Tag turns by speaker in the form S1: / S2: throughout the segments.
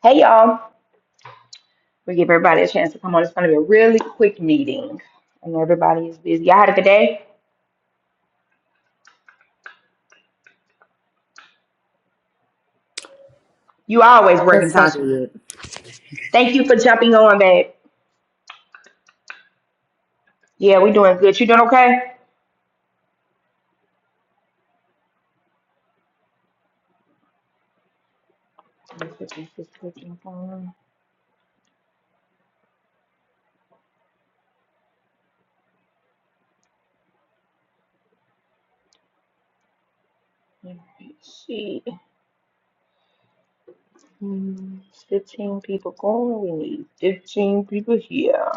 S1: Hey y'all, we give everybody a chance to come on. It's going to be a really quick meeting, and everybody is busy. Y'all had a good day. You always working,
S2: Yes, I
S1: Tasha.
S2: did.
S1: Thank you for jumping on, babe. Yeah, we doing good. You doing okay? Let me put these 15 on. Let me see. Hmm, 15 people going. We need 15 people here.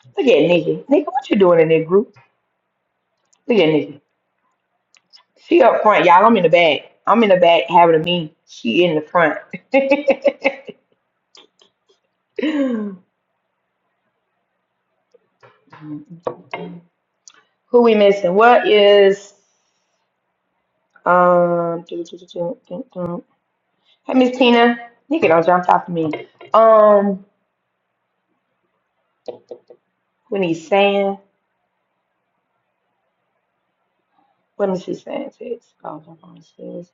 S1: Look at Nikki. Nikki, what you doing in that group? Look at Nikki. She up front, y'all. I'm in the back. I'm in the back having a meeting. She in the front. Who we missing? What is um? do, do, do, do, do, do. Hey, Miss Tina, you can all jump top of me. Um, we need Sam. Let me see Sam says. Oh, jump on says.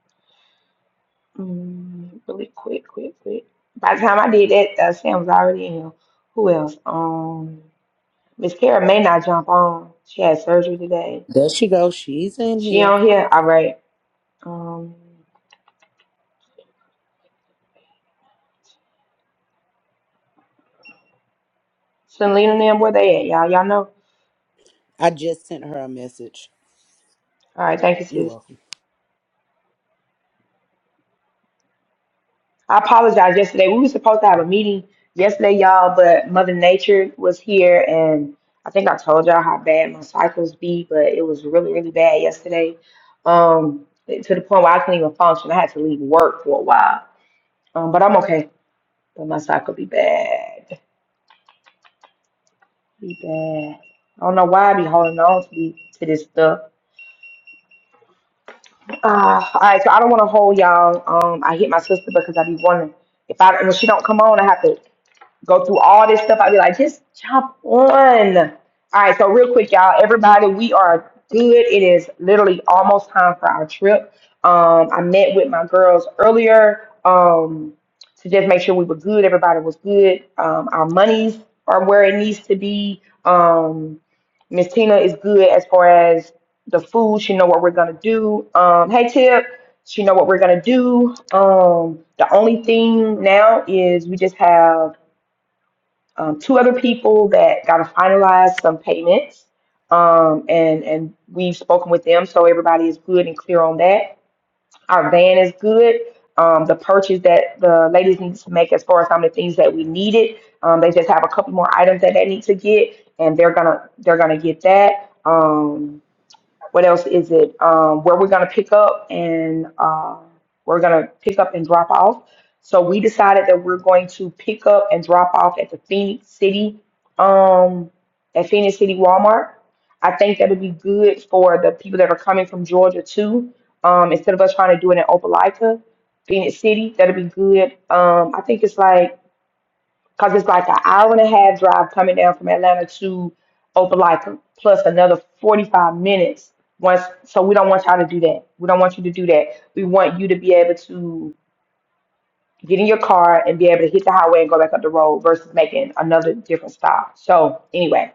S1: Mm, really quick, quick, quick. By the time I did that, uh, Sam was already in here. Who else? Um, Miss Kara may not jump on. She had surgery today.
S2: There she goes. She's in
S1: She
S2: here.
S1: on here. All right. Um, Selena and them, where they at? Y'all, y'all know.
S2: I just sent her a message.
S1: All right. Thank you,
S2: You're
S1: sis.
S2: welcome.
S1: I apologize yesterday. We were supposed to have a meeting yesterday, y'all, but Mother Nature was here and I think I told y'all how bad my cycles be, but it was really, really bad yesterday. Um, to the point where I couldn't even function. I had to leave work for a while. Um, but I'm okay. But my cycle be bad. Be bad. I don't know why I be holding on to the, to this stuff. Uh, all right, so I don't want to hold y'all. Um, I hit my sister because I be wondering if I when she don't come on, I have to go through all this stuff. I'd be like, just jump on. All right, so real quick, y'all, everybody, we are good. It is literally almost time for our trip. Um, I met with my girls earlier um, to just make sure we were good. Everybody was good. Um, our monies are where it needs to be. Um, Miss Tina is good as far as the food. She know what we're gonna do. Um, hey Tip, she know what we're gonna do. Um, the only thing now is we just have um, two other people that got to finalize some payments, um, and and we've spoken with them, so everybody is good and clear on that. Our van is good. Um, the purchase that the ladies need to make as far as some of the things that we needed, um, they just have a couple more items that they need to get, and they're gonna they're gonna get that. Um, what else is it? Um, where we're going to pick up and uh, we're going to pick up and drop off. So we decided that we're going to pick up and drop off at the Phoenix City, um, at Phoenix City Walmart. I think that'll be good for the people that are coming from Georgia too. Um, instead of us trying to do it in Opelika, Phoenix City, that'll be good. Um, I think it's like Cause it's like an hour and a half drive coming down from Atlanta to Opelika, plus another 45 minutes. Once, so we don't want y'all to do that. We don't want you to do that. We want you to be able to get in your car and be able to hit the highway and go back up the road versus making another different stop. So anyway,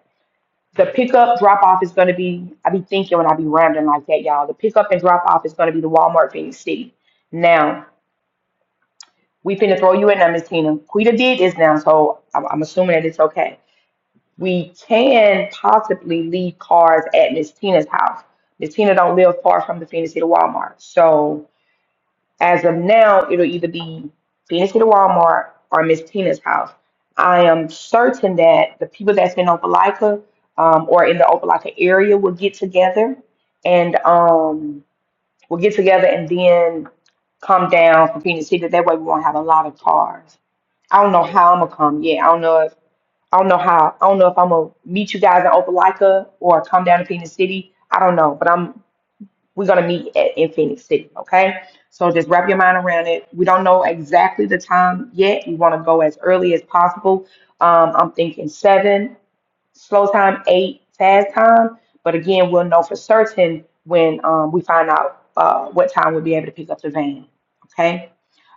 S1: the pickup drop off is going to be. I be thinking when I be rambling like that, y'all. The pickup and drop off is going to be the Walmart Phoenix City. Now we finna throw you in there, Miss Tina. Quita did this now, so I'm, I'm assuming that it's okay we can possibly leave cars at Miss Tina's house. Miss Tina don't live far from the Phoenix City Walmart. So as of now, it'll either be Phoenix City Walmart or Miss Tina's house. I am certain that the people that's in Opelika um, or in the Opelika area will get together and um, we'll get together and then come down from Phoenix City. That way we won't have a lot of cars. I don't know how I'm gonna come. Yeah, I don't know if. I don't know how. I don't know if I'm gonna meet you guys in Opelika or come down to Phoenix City. I don't know, but I'm. We're gonna meet at, in Phoenix City, okay? So just wrap your mind around it. We don't know exactly the time yet. We want to go as early as possible. Um, I'm thinking seven, slow time, eight, fast time. But again, we'll know for certain when um, we find out uh, what time we'll be able to pick up the van, okay?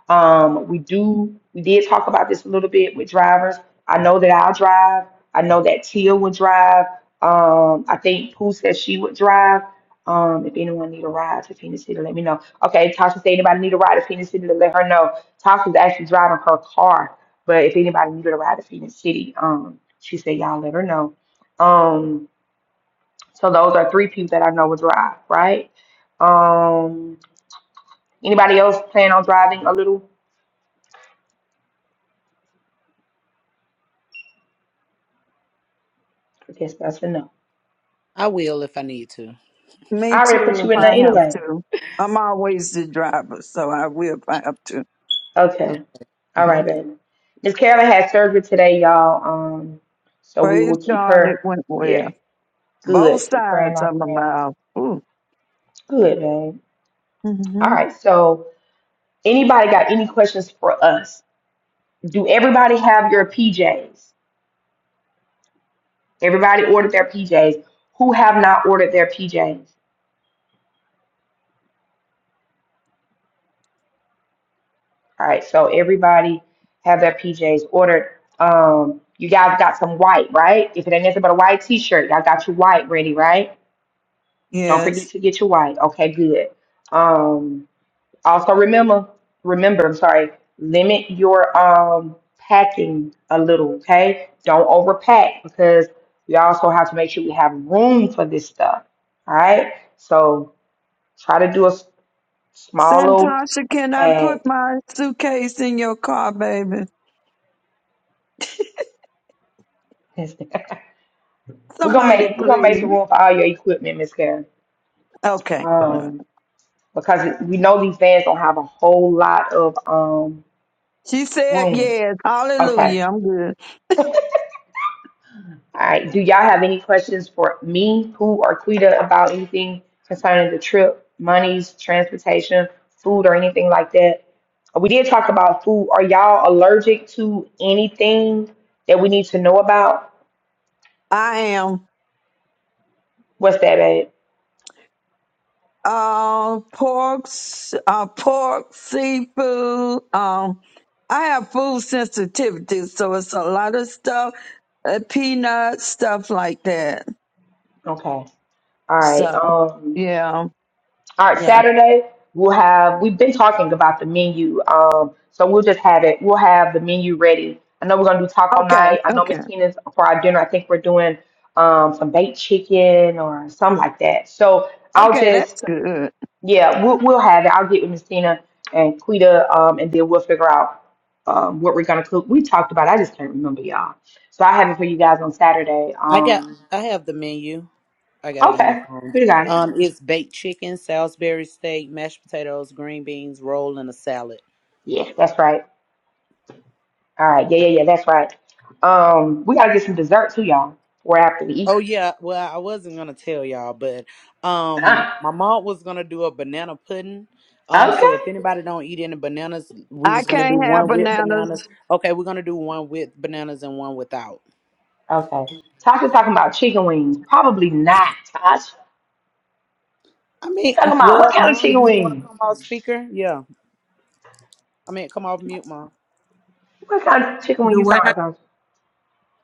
S1: Um, we do, we did talk about this a little bit with drivers. I know that I'll drive. I know that Tia would drive. Um, I think Pooh said she would drive. Um, if anyone need a ride to Phoenix City, let me know. Okay, Tasha said anybody need a ride to Phoenix City, to let her know. Tasha's actually driving her car, but if anybody needed a ride to Phoenix City, um, she said y'all let her know. Um, so those are three people that I know would drive, right? Um, anybody else plan on driving a little? I guess that's enough.
S2: I will if I need to.
S3: Me
S1: I already
S3: too,
S1: put you
S3: if
S1: in there
S3: I have
S1: anyway.
S3: to. I'm always the driver, so I will if I have to.
S1: Okay. All
S2: Okay.
S1: right, baby. Miss Carolyn had surgery today, y'all. Um, so we
S3: Praise
S1: will keep
S3: God, it
S1: her.
S3: went
S1: Yeah,
S3: well. Both
S1: good. Keep her in
S3: sides
S1: our
S3: of my
S1: prayers.
S3: mouth. Ooh.
S1: Good, babe. All
S3: hmm
S1: right. So, anybody got any questions for us? Do everybody have your PJs? Everybody ordered their PJs. Who have not ordered their PJs? All right. So everybody have their PJs ordered. Um, you guys got some white, right? If it ain't nothing but a white T-shirt, y'all got your white ready, right? Don't forget
S3: Yes.
S1: to get your white. Okay, good. Um, also remember, remember, I'm sorry, limit your um packing a little, okay? Don't overpack because we also have to make sure we have room for this stuff. All right. So try to do a s- small little
S3: Santasha, can I put
S1: bag.
S3: my suitcase in your car, baby?
S1: we're gonna
S3: Somebody,
S1: make we're gonna make some
S3: please.
S1: room for all your equipment, Miss Karen.
S3: Okay.
S1: Um, because we know these vans don't have a whole lot of um
S3: She said
S1: room.
S3: yes.
S1: Okay.
S3: Hallelujah. I'm good.
S1: All right. Do y'all have any questions for me, Pooh, or Quita about anything concerning the trip, monies, transportation, food, or anything like that? We did talk about food. Are y'all allergic to anything that we need to know about?
S3: I am.
S1: What's that, babe?
S3: uh, porks, uh, pork, seafood. Um, I have food sensitivity, so it's a lot of stuff, uh, peanuts, stuff like that.
S1: Okay. All right.
S3: So,
S1: Um.
S3: yeah,
S1: All right,
S3: yeah.
S1: Saturday we'll have. We've been talking about the menu, um, so we'll just have it. We'll have the menu ready. I know we're gonna do taco
S3: Okay,
S1: night. I know Miss
S3: okay,
S1: Tina's for our dinner. I think we're doing um, some baked chicken or something like that. So I'll
S3: okay. That's
S1: just
S3: good.
S1: yeah, we'll we'll have it. I'll get with Miss Tina and Quita, um, and then we'll figure out um, what we're gonna cook. We talked about. It. I just can't remember y'all. So I have it for you guys on Saturday.
S2: I got.
S1: Um,
S2: I have the menu. I got it in my
S1: okay,
S2: phone.
S1: Quita got it.
S2: Um, it's baked chicken, Salisbury steak, mashed potatoes, green beans, roll, and a salad.
S1: Yeah, that's right. All right. Yeah, yeah, yeah. That's right. Um, we gotta get some dessert too, y'all. We're after we eat.
S2: Oh yeah. Well, I wasn't gonna tell y'all, but um, my mom was gonna do a banana pudding.
S1: Ah,
S2: Um,
S1: okay.
S2: so if anybody don't eat any bananas, we
S3: I
S2: was gonna do
S3: can't have
S2: one with
S3: bananas.
S2: bananas. Okay, we're gonna do one with bananas and one without.
S1: Okay. Tasha's talking about chicken wings. Probably not, Tasha.
S2: I
S1: You
S2: mean,
S1: talking
S2: um,
S1: about what
S2: well,
S1: kind of
S2: mom,
S1: chicken
S2: do you want to
S1: wing?
S2: come off speaker? Yeah. I mean, come off mute, mom.
S1: What kind of chicken wing
S4: Do
S1: you
S4: what
S1: talking
S4: now?
S1: about,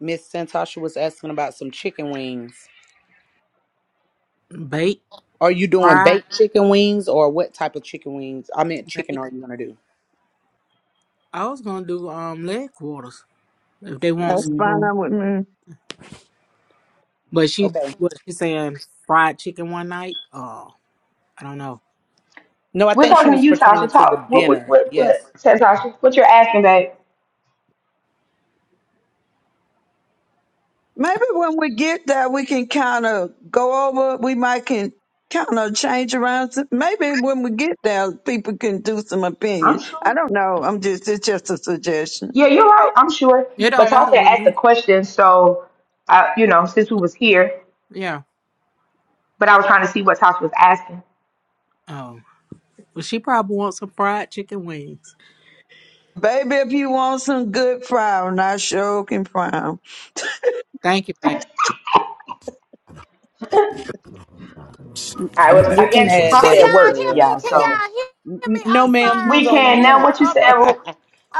S2: Miss Santasha was asking about some chicken wings.
S4: Bake,
S2: Are you doing
S4: fry,
S2: baked chicken wings or what type of chicken wings? I meant chicken
S4: bake.
S2: are you going to do?
S4: I was gonna do um leg quarters if they want
S3: That's
S4: some.
S1: Tasha?
S3: fine
S1: hmm
S3: with me.
S4: But she
S2: Okay.
S4: what she saying fried chicken one night? Oh, I don't know.
S2: No, I
S1: We're
S2: think she
S1: talking to
S2: was
S1: you,
S2: pertaining
S1: Tasha.
S2: to the
S1: Talk. What? What?
S2: dinner.
S1: What?
S2: Yes.
S1: What? Said Tasha. What you're asking, babe?
S3: Maybe when we get there, we can kind of go over. We might can kind of change around. some- Maybe when we get there, people can do some
S1: I'm
S3: opinion. I
S1: sure.
S3: don't know. I'm just it's just a suggestion.
S1: Yeah, you're right. I'm sure.
S4: It don't
S1: But
S4: matter
S1: Tasha
S4: with
S1: asked
S4: me.
S1: the question, so I, you know, since we was here,
S4: Yeah.
S1: but I was trying to see what Tasha was asking.
S4: Oh. Well she probably wants some fried chicken wings.
S3: Baby, if you want some good frown, I sure can frown.
S4: Thank you, baby.
S1: All right.
S5: Other
S1: Well,
S2: We
S1: I
S2: can
S1: guess
S2: add
S5: medications. Can
S2: that
S1: Tasha at
S2: as
S5: y'all
S1: work
S5: hear
S1: too,
S2: well.
S5: me?
S1: y'all.
S5: Can
S1: So.
S2: Okay.
S5: y'all
S2: N-
S5: hear me?
S2: n- No,
S5: I'm
S2: ma'am,
S5: sorry,
S2: you
S5: I
S2: was
S1: We
S5: was in the
S2: on
S1: can.
S5: middle
S1: Now,
S2: mute.
S1: what you
S5: of a
S1: said, well,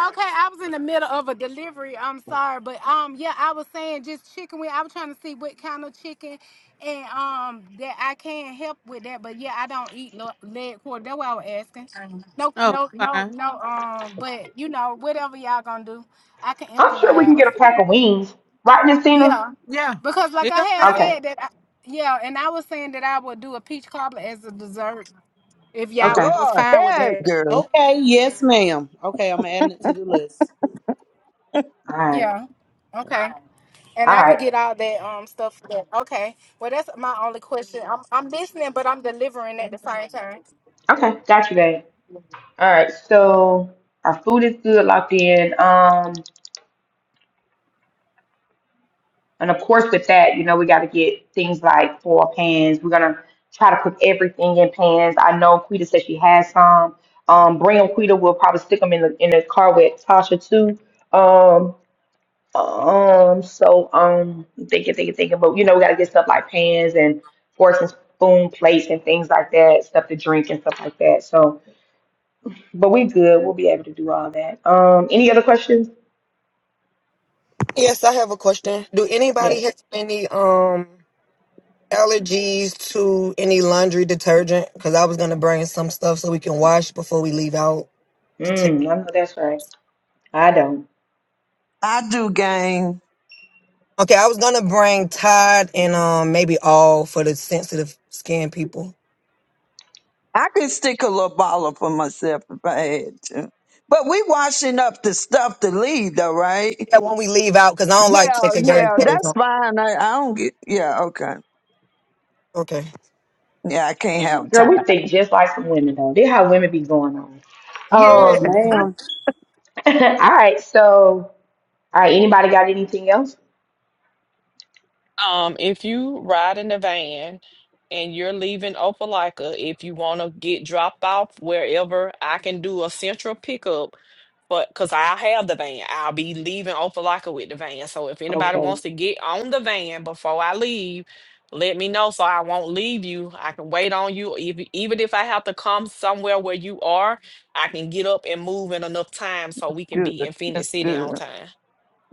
S5: okay, I was in the middle of a delivery. I'm sorry, but um, yeah, I was saying just chicken wing. I was trying to see what kind of chicken, and um, that I can help with that. But yeah, I don't eat lo- leg pork. That's what I was asking. Mhm. No,
S4: Oh,
S5: no, no,
S4: fine.
S5: no. Um, but you know, whatever y'all gonna do, I can
S1: I'm sure we can
S5: improvise.
S1: get a pack of wings. Right, Nestina?
S5: Yeah,
S4: Yeah.
S5: because like
S4: It
S5: I
S4: don't
S5: had
S4: matter.
S1: Okay.
S5: said that. I, yeah, and I was saying that I would do a peach cobbler as a dessert. If y'all
S3: Go
S1: Okay.
S5: was fine with
S3: ahead,
S5: that.
S3: girl.
S2: okay. Yes, ma'am. Okay. I'm adding it to the list.
S1: All right.
S5: Yeah. Okay. And
S1: All
S5: I can
S1: right.
S5: get all that um stuff for that. Okay. Well that's my only question. I'm I'm listening but I'm delivering at the same time.
S1: Okay. Got you, babe. All right. So our food is good, locked in. Um, and of course, with that, you know, we got to get things like for pans. We're gonna try to put everything in pans. I know Quita said she has some. Um, bring them, Quita. We'll probably stick them in the in the car with Tasha too. Um. Um, so um, I'm thinking, thinking, thinking, but you know, we gotta get stuff like pans and forks and spoon plates and things like that, stuff to drink and stuff like that. So, but we good. We'll be able to do all that. Um, any other questions?
S6: Yes, I have a question. Do anybody
S1: Yes.
S6: have any um allergies to any laundry detergent? Because I was gonna bring some stuff so we can wash before we leave out to take.
S1: Mm, I know that's right. I don't.
S3: I do gang.
S6: Okay, I was gonna bring Tide and um maybe all for the sensitive skin people.
S3: I can stick a little baller for myself if I had to. But we washing up the stuff to leave, though, right?
S6: Yeah, when we leave out, because I don't like
S3: Yeah,
S6: taking dirty
S3: yeah,
S6: clothes
S3: that's
S6: home.
S3: fine. I, I don't get. Yeah, okay.
S6: Okay.
S3: Yeah, I can't
S1: All right,
S3: have
S1: girl, we
S3: time.
S1: think just like some women though. They how women be going on.
S2: Yes,
S3: Yeah,
S1: Um,
S2: ma'am.
S1: all right. So, all right. Anybody got anything else?
S7: Um, if you ride in the van and you're leaving Opelika, if you want to get dropped off wherever, I can do a central pickup. But because I have the van, I'll be leaving Opelika with the van. So if anybody
S1: Okay.
S7: wants to get on the van before I leave, let me know so I won't leave you. I can wait on you. If, even if I have to come somewhere where you are, I can get up and move in enough time so we can
S3: good.
S7: be in Phoenix
S3: That's
S7: City
S3: good.
S7: on time.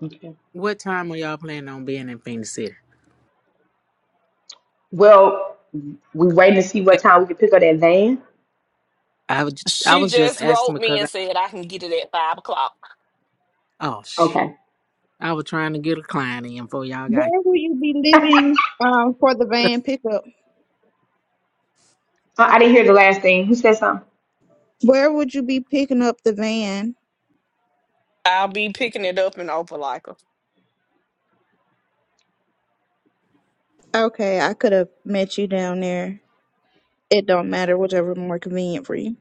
S1: Okay.
S4: What time are y'all planning on being in Phoenix City?
S1: Well, we waiting to see what time we can pick up that van.
S4: I was I
S7: She
S4: was just
S7: just
S4: asking
S7: wrote me
S4: because
S7: and said I can get it at five o'clock.
S4: I, oh sh
S1: Okay.
S4: I was trying to get a client in before y'all got.
S8: Where will you be living um for the van pickup?
S1: Uh, I didn't hear the last thing. Who said something?
S8: Where would you be picking up the van?
S7: I'll be picking it up in Opelika.
S8: Okay, I could have met you down there. It don't matter, whichever more convenient for you.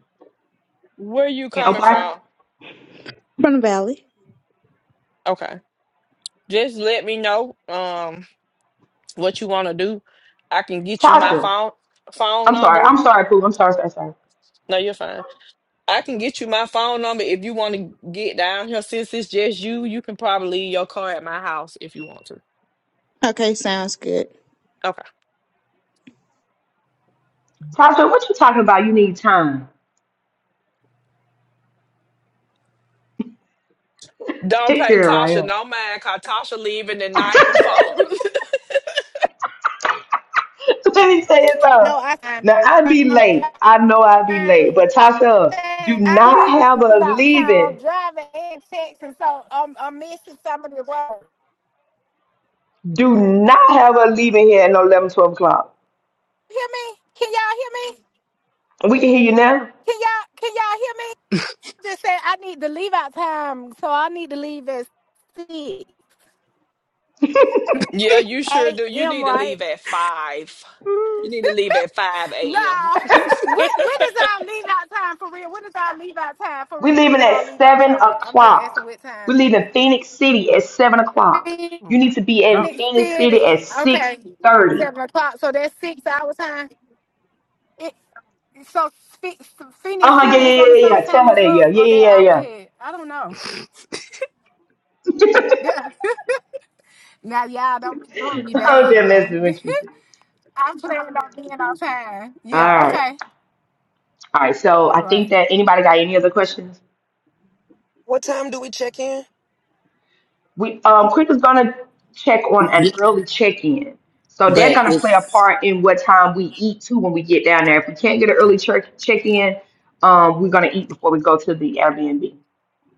S7: Where you
S1: And
S7: coming
S1: Opar?
S7: from?
S8: From the valley.
S7: Okay. Just let me know um what you want to do. I can get you my
S1: Tasha.
S7: phone phone
S1: I'm sorry.
S7: number.
S1: I'm sorry, Pooh. I'm sorry, sorry, sorry.
S7: No, you're fine. I can get you my phone number if you want to get down here. Since it's just you, you can probably leave your car at my house if you want to.
S8: Okay, sounds good.
S7: Okay.
S1: Tasha, what you talking about? You need time.
S7: Don't
S1: Thick
S7: pay
S1: girl right
S7: Tasha
S1: here.
S7: no mind, cause Tasha leaving the night before.
S1: Let me tell you something.
S5: No, I I'm
S1: Now, I'd be
S5: I'm
S1: late. I know I'd be late.
S5: driving.
S1: But Tasha, do
S5: Hey, I
S1: not
S5: be
S1: have us
S5: about time. I'm
S1: leaving.
S5: driving and texting, so I'm I'm missing some of the words.
S1: Do not have us leaving here at no 11, 12 o'clock.
S5: Hear me? Can y'all hear me?
S1: We can hear you now.
S5: Can y'all can y'all hear me? Just say I need to leave out time, so I need to leave at six
S7: yeah, you sure do. You
S5: a.m.
S7: need to
S5: Right?
S7: leave at five. You
S4: oh
S7: need to leave at five
S5: No.
S7: a.m.
S5: When when is our leave out time for real? When is our leave out time for
S1: we
S5: real? When
S1: leaving
S5: is our
S1: at
S5: leave out
S1: 7
S5: time? I'm just asking
S1: o'clock.
S5: what time.
S1: We're leaving Phoenix City at 7 o'clock.
S5: Phoenix
S1: You
S4: my
S1: need to be in
S4: god.
S1: Phoenix City at
S5: City. Okay.
S1: 6:30.
S5: Seven o'clock. So that's six hour time. It, so Phe- Phoenix
S1: Uh-huh,
S5: City
S1: yeah,
S5: is
S1: yeah, yeah,
S5: on the
S1: yeah. yeah.
S5: same time
S1: Tell her
S5: as
S1: that,
S5: us
S1: yeah. Yeah,
S5: or that
S1: yeah,
S5: hour ahead? I don't know.
S1: yeah,
S5: Yeah. now y'all don't be doing
S1: yeah.
S5: me
S1: oh,
S5: bad
S1: damn,
S5: now.
S1: that's so interesting.
S5: I'm planning on being on time.
S1: All
S5: Yeah,
S1: right.
S5: okay.
S1: All right. So I
S5: All
S1: think
S5: right.
S1: that anybody got any other questions?
S6: What time do we check in?
S1: We um Quick is gonna check on
S2: Yeah,
S1: an early check-in. So that's
S2: but
S1: gonna play a
S2: it's
S1: part in what time we eat too when we get down there. If we can't get an early check check-in, um, we're gonna eat before we go to the Airbnb.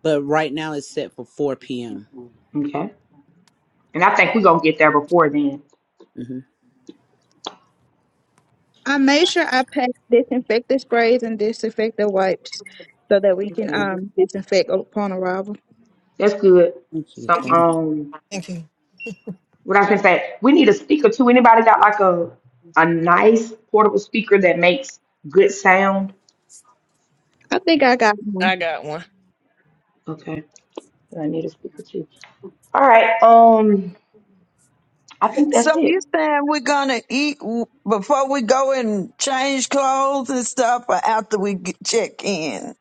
S2: but right now it's set for four p.m.
S1: Okay. And I think we're gonna get there before then.
S2: hmm
S8: I made sure I packed disinfectant sprays and disinfectant wipes so that we can
S1: Okay.
S8: um disinfect upon arrival.
S1: That's good.
S2: Thank you.
S1: Some
S6: Thank you.
S2: Thank you.
S1: um
S6: Thank you.
S1: What I'm gonna say, we need a speaker too. Anybody got like a a nice portable speaker that makes good sound?
S8: I think I got one.
S7: I got one.
S1: Okay, I need a speaker too. All right. Um, I think
S3: So
S1: that's it.
S3: you saying we're gonna eat w- before we go and change clothes and stuff, or after we get, check in?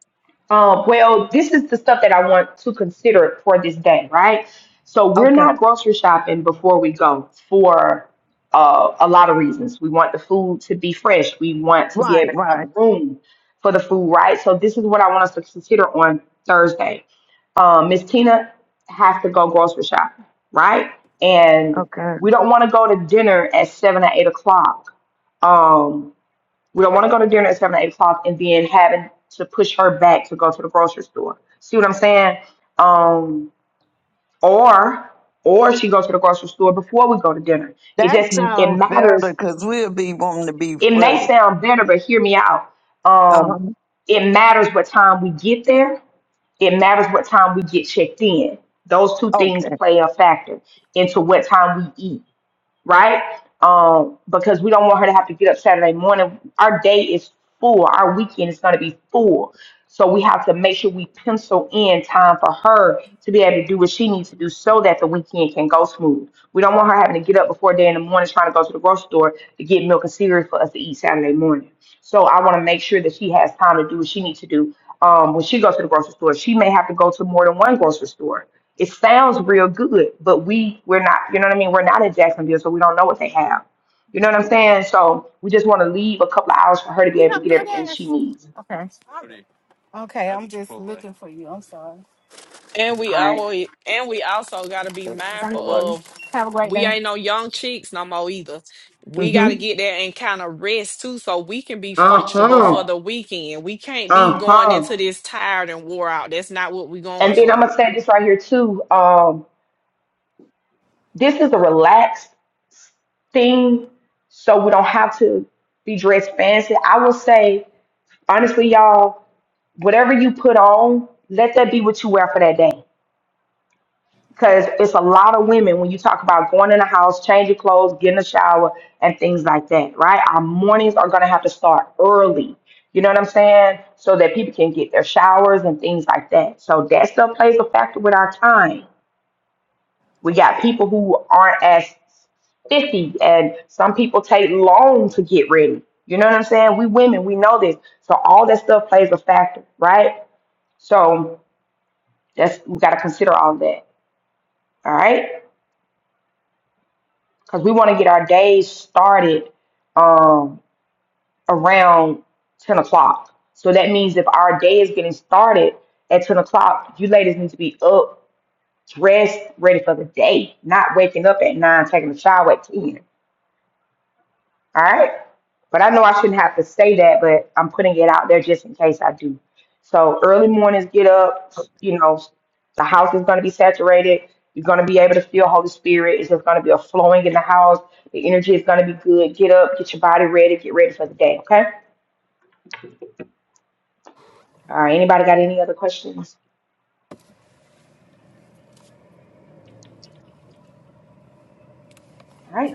S1: Um, well, this is the stuff that I want to consider for this day, right? So we're
S3: Okay.
S1: not grocery shopping before we go for uh, a lot of reasons. We want the food to be fresh. We want to be
S3: Right.
S1: able to have
S3: Right.
S1: room for the food, right? So this is what I want us to consider on Thursday. Um, Miss Tina has to go grocery shopping, right? And
S3: Okay.
S1: we don't want to go to dinner at seven or eight o'clock. Um, we don't want to go to dinner at seven, eight o'clock, and then having to push her back to go to the grocery store. See what I'm saying? Um, or or she goes to the grocery store before we go to dinner. It
S3: That
S1: just it
S3: sounds better
S1: matters.
S3: because we'll be wanting to be
S1: It may
S3: first.
S1: sound better, but hear me out.
S3: Uh
S1: Um, it matters what time we get there. It matters what time we get checked in. Those two things
S3: huh.
S1: play a factor into what time we eat right? Um, because we don't want her to have to get up Saturday morning. Our day is full. Our weekend is going to be full. So we have to make sure we pencil in time for her to be able to do what she needs to do so that the weekend can go smooth. We don't want her having to get up before day in the morning trying to go to the grocery store to get milk and cereal for us to eat Saturday morning. So I want to make sure that she has time to do what she needs to do. Um, when she goes to the grocery store, she may have to go to more than one grocery store it sounds real good, but we we're not, you know what I mean? We're not in Jacksonville, so we don't know what they have. You know what I'm saying? So we just want to leave a couple of hours for her to be
S5: You
S1: able to
S5: have
S1: get
S5: good
S1: everything she
S5: ass.
S1: needs.
S5: Okay. Okay, Not I'm just Chipotle. looking for you. I'm sorry.
S7: And we
S1: All right.
S7: always and we also gotta be
S5: Bye
S7: mindful
S5: bye.
S7: of
S5: Have a great
S7: we
S5: day.
S7: ain't no young cheeks no more either. We
S1: Mm-hmm.
S7: gotta get there and kind of rest too, so we can be functional for
S1: Uh-huh.
S7: the weekend. We can't be going
S1: Uh.
S7: into this tired and wore out. That's not what we're going
S1: And then I'm
S7: for.
S1: gonna say this right here too. Um, this is a relaxed thing, so we don't have to be dressed fancy. I will say, honestly, y'all, whatever you put on, let that be what you wear for that day. Because it's a lot of women when you talk about going in the house, changing clothes, getting a shower, and things like that, right? Our mornings are going to have to start early. You know what I'm saying? So that people can get their showers and things like that. So that stuff plays a factor with our time. We got people who aren't as 50, and some people take long to get ready. You know what I'm saying? We women, we know this. So all that stuff plays a factor, right? So that's we got to consider all that. All right. because we want to get our days started um, around 10 o'clock. So that means if our day is getting started at 10 o'clock, you ladies need to be up, dressed, ready for the day, not waking up at 9, taking a shower at 10. All right. But I know I shouldn't have to say that, but I'm putting it out there just in case I do. So early mornings, get up. You know, the house is going to be saturated. You're going to be able to feel Holy Spirit. It's just going to be a flowing in the house. The energy is going to be good. Get up, get your body ready, get ready for the day. Okay. All right. Anybody got any other questions? All right.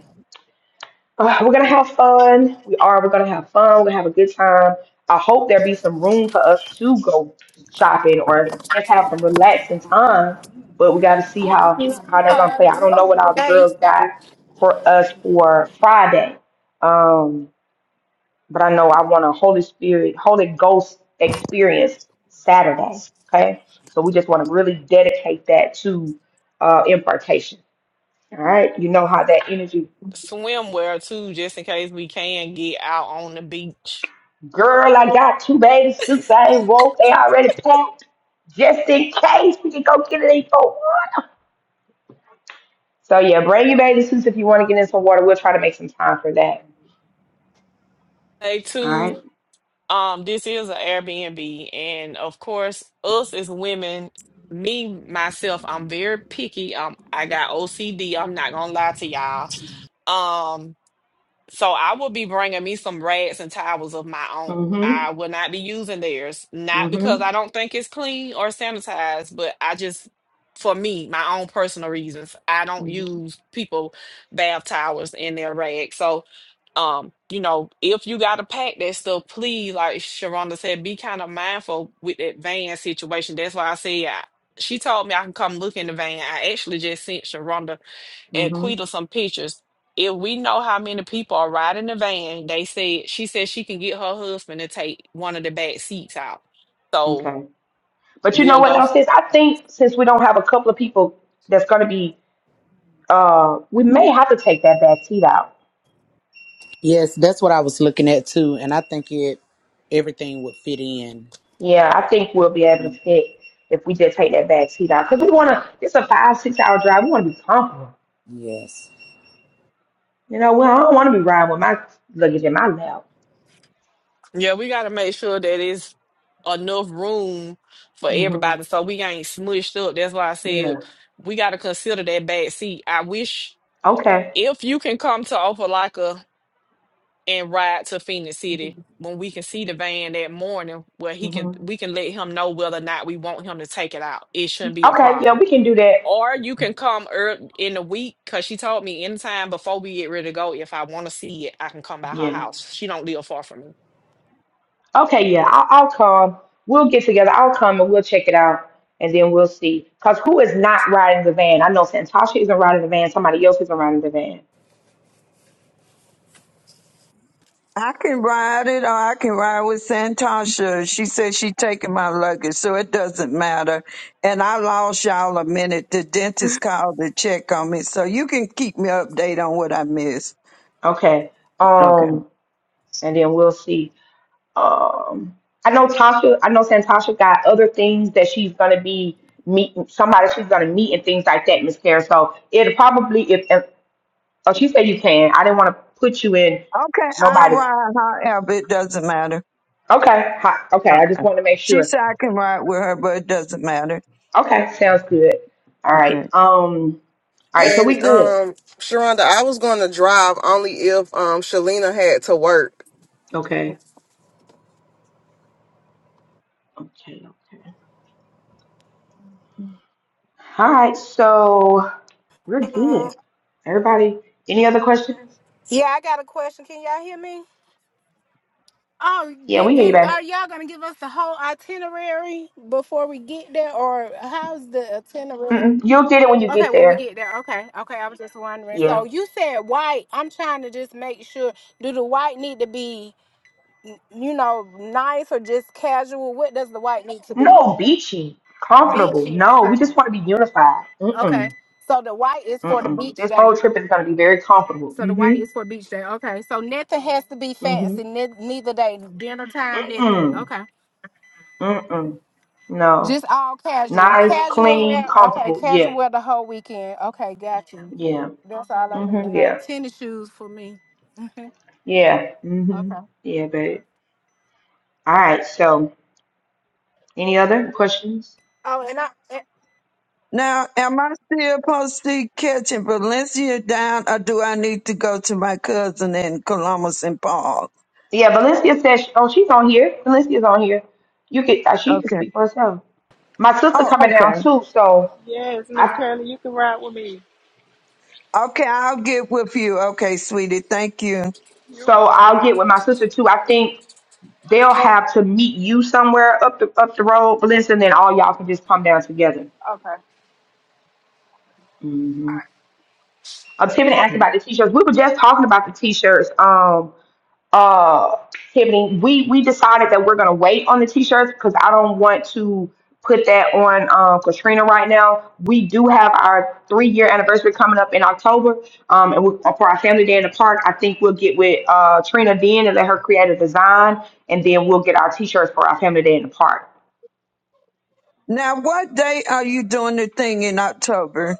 S1: Uh, we're gonna have fun. We are. We're gonna have fun. We're gonna have a good time. I hope there be some room for us to go shopping or just have some relaxing time. But we got to see how how they're gonna
S5: Uh,
S1: play. I don't know what all the
S5: Hey,
S1: girls got for us for Friday. Um, but I know I want a Holy Spirit, Holy Ghost experience Saturday. Okay, so we just want to really dedicate that to uh, impartation. All right, you know how that energy
S7: Swimwear too, just in case we can get out on the beach.
S1: Girl, I got two baby suits. I ain't woke. They already packed just in case we can go get it in for water. So yeah, bring your baby suits if you want to get in some water. We'll try to make some time for that.
S7: Day
S1: All
S7: two.
S1: right.
S7: Um, this is an Airbnb, and of course, us as women, me myself, I'm very picky. Um, I got OCD. I'm not gonna lie to y'all. Um. So I will be bringing me some rags and towels of my own.
S1: Mhm.
S7: I will not be using theirs, not because
S1: Mhm.
S7: I don't think it's clean or sanitized, but I just, for me, my own personal reasons, I don't
S1: Mhm.
S7: use people bath towels in their rags. So, um, you know, if you gotta pack that stuff, please, like Sharonda said, be kind of mindful with that van situation. That's why I said I, she told me I can come look in the van. I actually just sent Sharonda and
S1: Mhm.
S7: Quita some pictures if we know how many people are riding the van, they said she said she can get her husband to take one of the back seats out. So
S1: Okay. But you know
S7: we'll
S1: what
S7: go.
S1: else is? I think since we don't have a couple of people that's going to be, uh, we may have to take that back seat out.
S2: Yes, that's what I was looking at too, and I think it everything would fit in.
S1: Yeah, I think we'll be able
S2: Mhm.
S1: to fit if we just take that back seat out because we want to. It's a five six hour drive. We want to be comfortable.
S2: Yes.
S1: You know, well, I don't want to be riding with my luggage in my lap.
S7: Yeah, we got to make sure that it's enough room for
S1: hmm
S7: everybody, so we ain't smushed up. That's why I said
S1: Yeah.
S7: we got to consider that back seat. I wish
S1: Okay.
S7: if you can come to Opelika and ride to Phoenix City when we can see the van that morning, where he
S1: hmm
S7: can we can let him know whether or not we want him to take it out. It shouldn't be a
S1: Okay. Yeah,
S7: problem
S1: we can do that.
S7: Or you can come early in the week because she told me anytime before we get ready to go, if I want to see it, I can come by her
S1: Yeah.
S7: house. She don't live far from me.
S1: Okay. Yeah, I'll, I'll come. We'll get together. I'll come and we'll check it out, and then we'll see. Cause who is not riding the van? I know Santasha isn't riding the van. Somebody else isn't riding the van.
S3: I can ride it or I can ride with Santasha. She said she taking my luggage, so it doesn't matter. And I lost y'all a minute. The dentist called to check on me, so you can keep me updated on what I missed.
S1: Okay.
S3: Okay.
S1: Um, and then we'll see. Um, I know Tasha. I know Santasha got other things that she's gonna be meeting somebody she's gonna meet and things like that, Miss Karen. So it'll probably if Oh, she said you can. I didn't want to put you in
S3: Okay, I'll
S1: nobody's.
S3: ride however. It doesn't matter.
S1: Okay, hi, okay. I just
S3: Okay.
S1: wanted to make
S3: She
S1: sure.
S3: said I can ride with her, but it doesn't matter.
S1: Okay, sounds good. All right.
S3: Okay.
S1: Um. All right. So
S9: And
S1: we good.
S9: um, Sharonda, I was going to drive only if um Shalina had to work.
S1: Okay. Okay. Okay. All right. So we're
S5: uh,
S1: good. Everybody, any other questions?
S5: yeah, I got a question. Can y'all hear me? Oh,
S1: Yeah,
S5: did
S1: we hear you,
S5: it,
S1: babe.
S5: are y'all gonna give us the whole itinerary before we get there, or how's the itinerary?
S1: Mm-mm. You'll get it when you
S5: Okay,
S1: get
S5: when we
S1: there.
S5: get there. Okay, okay. I was just wondering.
S1: Yeah.
S5: So you said white. I'm trying to just make sure. Do the white need to be, you know, nice or just casual? What does the white need to be?
S1: No, beachy, comfortable.
S5: Beachy.
S1: No, we
S5: Okay.
S1: just want to be unified.
S5: Okay.
S1: Mm-mm.
S5: So the white is for the
S1: Mm-mm.
S5: beach
S1: This
S5: day.
S1: whole trip is going to be very comfortable.
S5: So the white is
S1: Mm-hmm.
S5: for beach day. Okay. So nothing has to be fancy.
S1: Mm-hmm.
S5: Ne- neither day, dinner time, nothing.
S1: Mm-mm.
S5: Okay.
S1: Mm-mm. No.
S5: Just all casual.
S1: Nice,
S5: Casual
S1: clean,
S5: wear. Okay.
S1: comfortable. Yeah.
S5: Casual wear the whole weekend. Okay. Got you.
S1: Yeah.
S5: That's all I need to
S1: Mm-hmm.
S5: know.
S1: Yeah.
S5: Tennis shoes for me.
S1: Yeah. Mm-hmm.
S5: Okay.
S1: Yeah, babe. All right. So, any other questions?
S5: Oh, and I
S3: Now, am I still supposed to be catching Valencia down, or do I need to go to my cousin in Columbus and Paul?
S1: Yeah, Valencia says, oh, she's on here. Valencia's on here. You could, uh, she can
S3: Okay.
S1: speak for herself. My sister
S3: Oh,
S1: coming
S3: okay.
S1: down too, so
S10: Yes, Miss
S1: I,
S10: Kelly, you can ride with me.
S3: Okay, I'll get with you. Okay, sweetie. Thank you.
S10: You're
S1: so
S10: welcome.
S1: I'll get with my sister too. I think they'll have to meet you somewhere up the up the road, Valencia, and then all y'all can just come down together.
S10: Okay.
S1: Mm-hmm. Uh, Tiffany
S3: Okay.
S1: asked about the t-shirts. We were just talking about the t-shirts. Um, uh Tiffany, we we decided that we're gonna wait on the t-shirts because I don't want to put that on um Katrina right now. We do have our three year anniversary coming up in October. Um and we, for our family day in the park, I think we'll get with uh Trina then and let her create a design and then we'll get our t-shirts for our family day in the park.
S3: Now, what day are you doing the thing in October?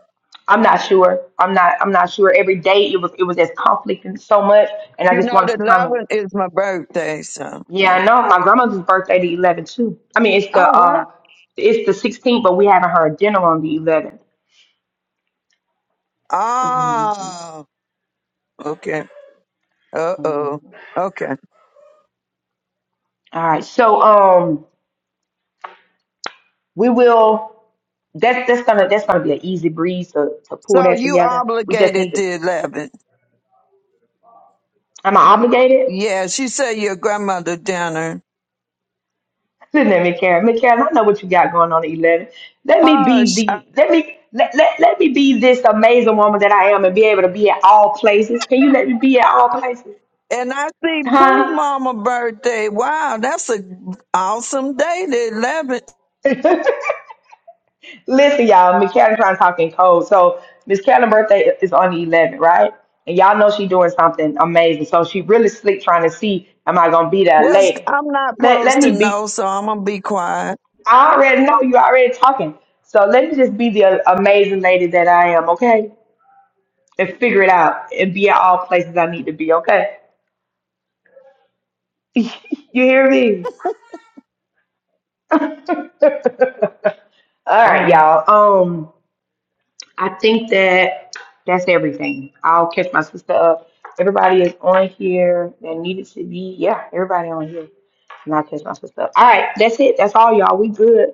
S1: I'm not sure. I'm not I'm not sure. Every day it was it was this conflict and so much and I
S3: You
S1: just
S3: know,
S1: wanted
S3: the
S1: to kind of
S3: 11th is my birthday, so
S1: Yeah,
S3: yeah.
S1: I know. My grandmother's birthday the 11th too. I mean, it's the
S3: Oh, wow.
S1: uh, it's the 16th, but we having her dinner on the 11th. Mhm,
S3: Oh, okay. Uh
S1: mhm.
S3: oh. Okay.
S1: All right, so um, we will. That's that's gonna that's gonna be an easy breeze to to pull
S3: So
S1: that
S3: you
S1: together. We just need
S3: obligated
S1: to.
S3: the 11th.
S1: Am I obligated?
S3: Yeah, she said your grandmother dinner.
S1: Listen at me, Karen. Miss Karen, I know what you got going on the eleven. Let me be
S3: Hush.
S1: the let me. Let, let, let me be this amazing woman that I am and be able to be at all places. Can you let me be at all places?
S3: And I see Pooh
S1: Huh?
S3: Mama birthday. Wow, that's a awesome day, the 11th.
S1: Listen, y'all, Miss Callie trying to talk in code. So Miss Callie's birthday is on the 11th, right? And y'all know she doing something amazing. So she really sleep trying to see, am I gonna be there
S3: What's
S1: later?
S3: I'm not
S1: Let let
S3: supposed to
S1: me be.
S3: know, so I'm gonna be quiet.
S1: I already know you already talking. So let me just be the amazing lady that I am, okay? And figure it out and be at all places I need to be, okay? you hear me? All right,
S3: Uh,
S1: y'all. Um. I think that that's everything. I'll catch my sister up. Everybody is on here that needed to be. Yeah, everybody on here. Not catch my stuff. All right, that's it. That's all, y'all. We good.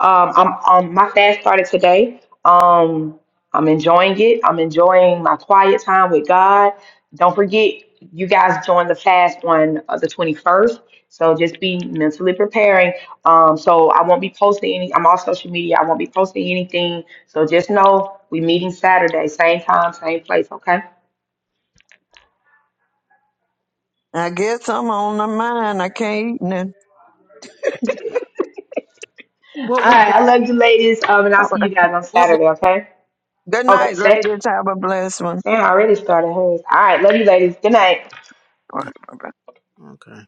S1: Um, I'm um my fast started today. Um, I'm enjoying it. I'm enjoying my quiet time with God. Don't forget, you guys join the fast on uh, the 21st. So just be mentally preparing. Um, so I won't be posting any. I'm on social media. I won't be posting anything. So just know we meeting Saturday, same time, same place. Okay.
S3: I guess I'm on the mind. I can't eat nothing.
S4: What
S1: All
S4: we
S1: right.
S4: can,
S1: I love you, ladies. Um, and I'll
S3: All
S1: see
S3: right.
S1: you guys on
S4: what we
S1: Saturday. Okay.
S3: Good
S1: Okay.
S3: night,
S1: Sa-
S3: ladies. Have a blessed one.
S1: Sam already started hers. All right, love you ladies. Good night.
S3: All right, bye-bye.
S4: okay.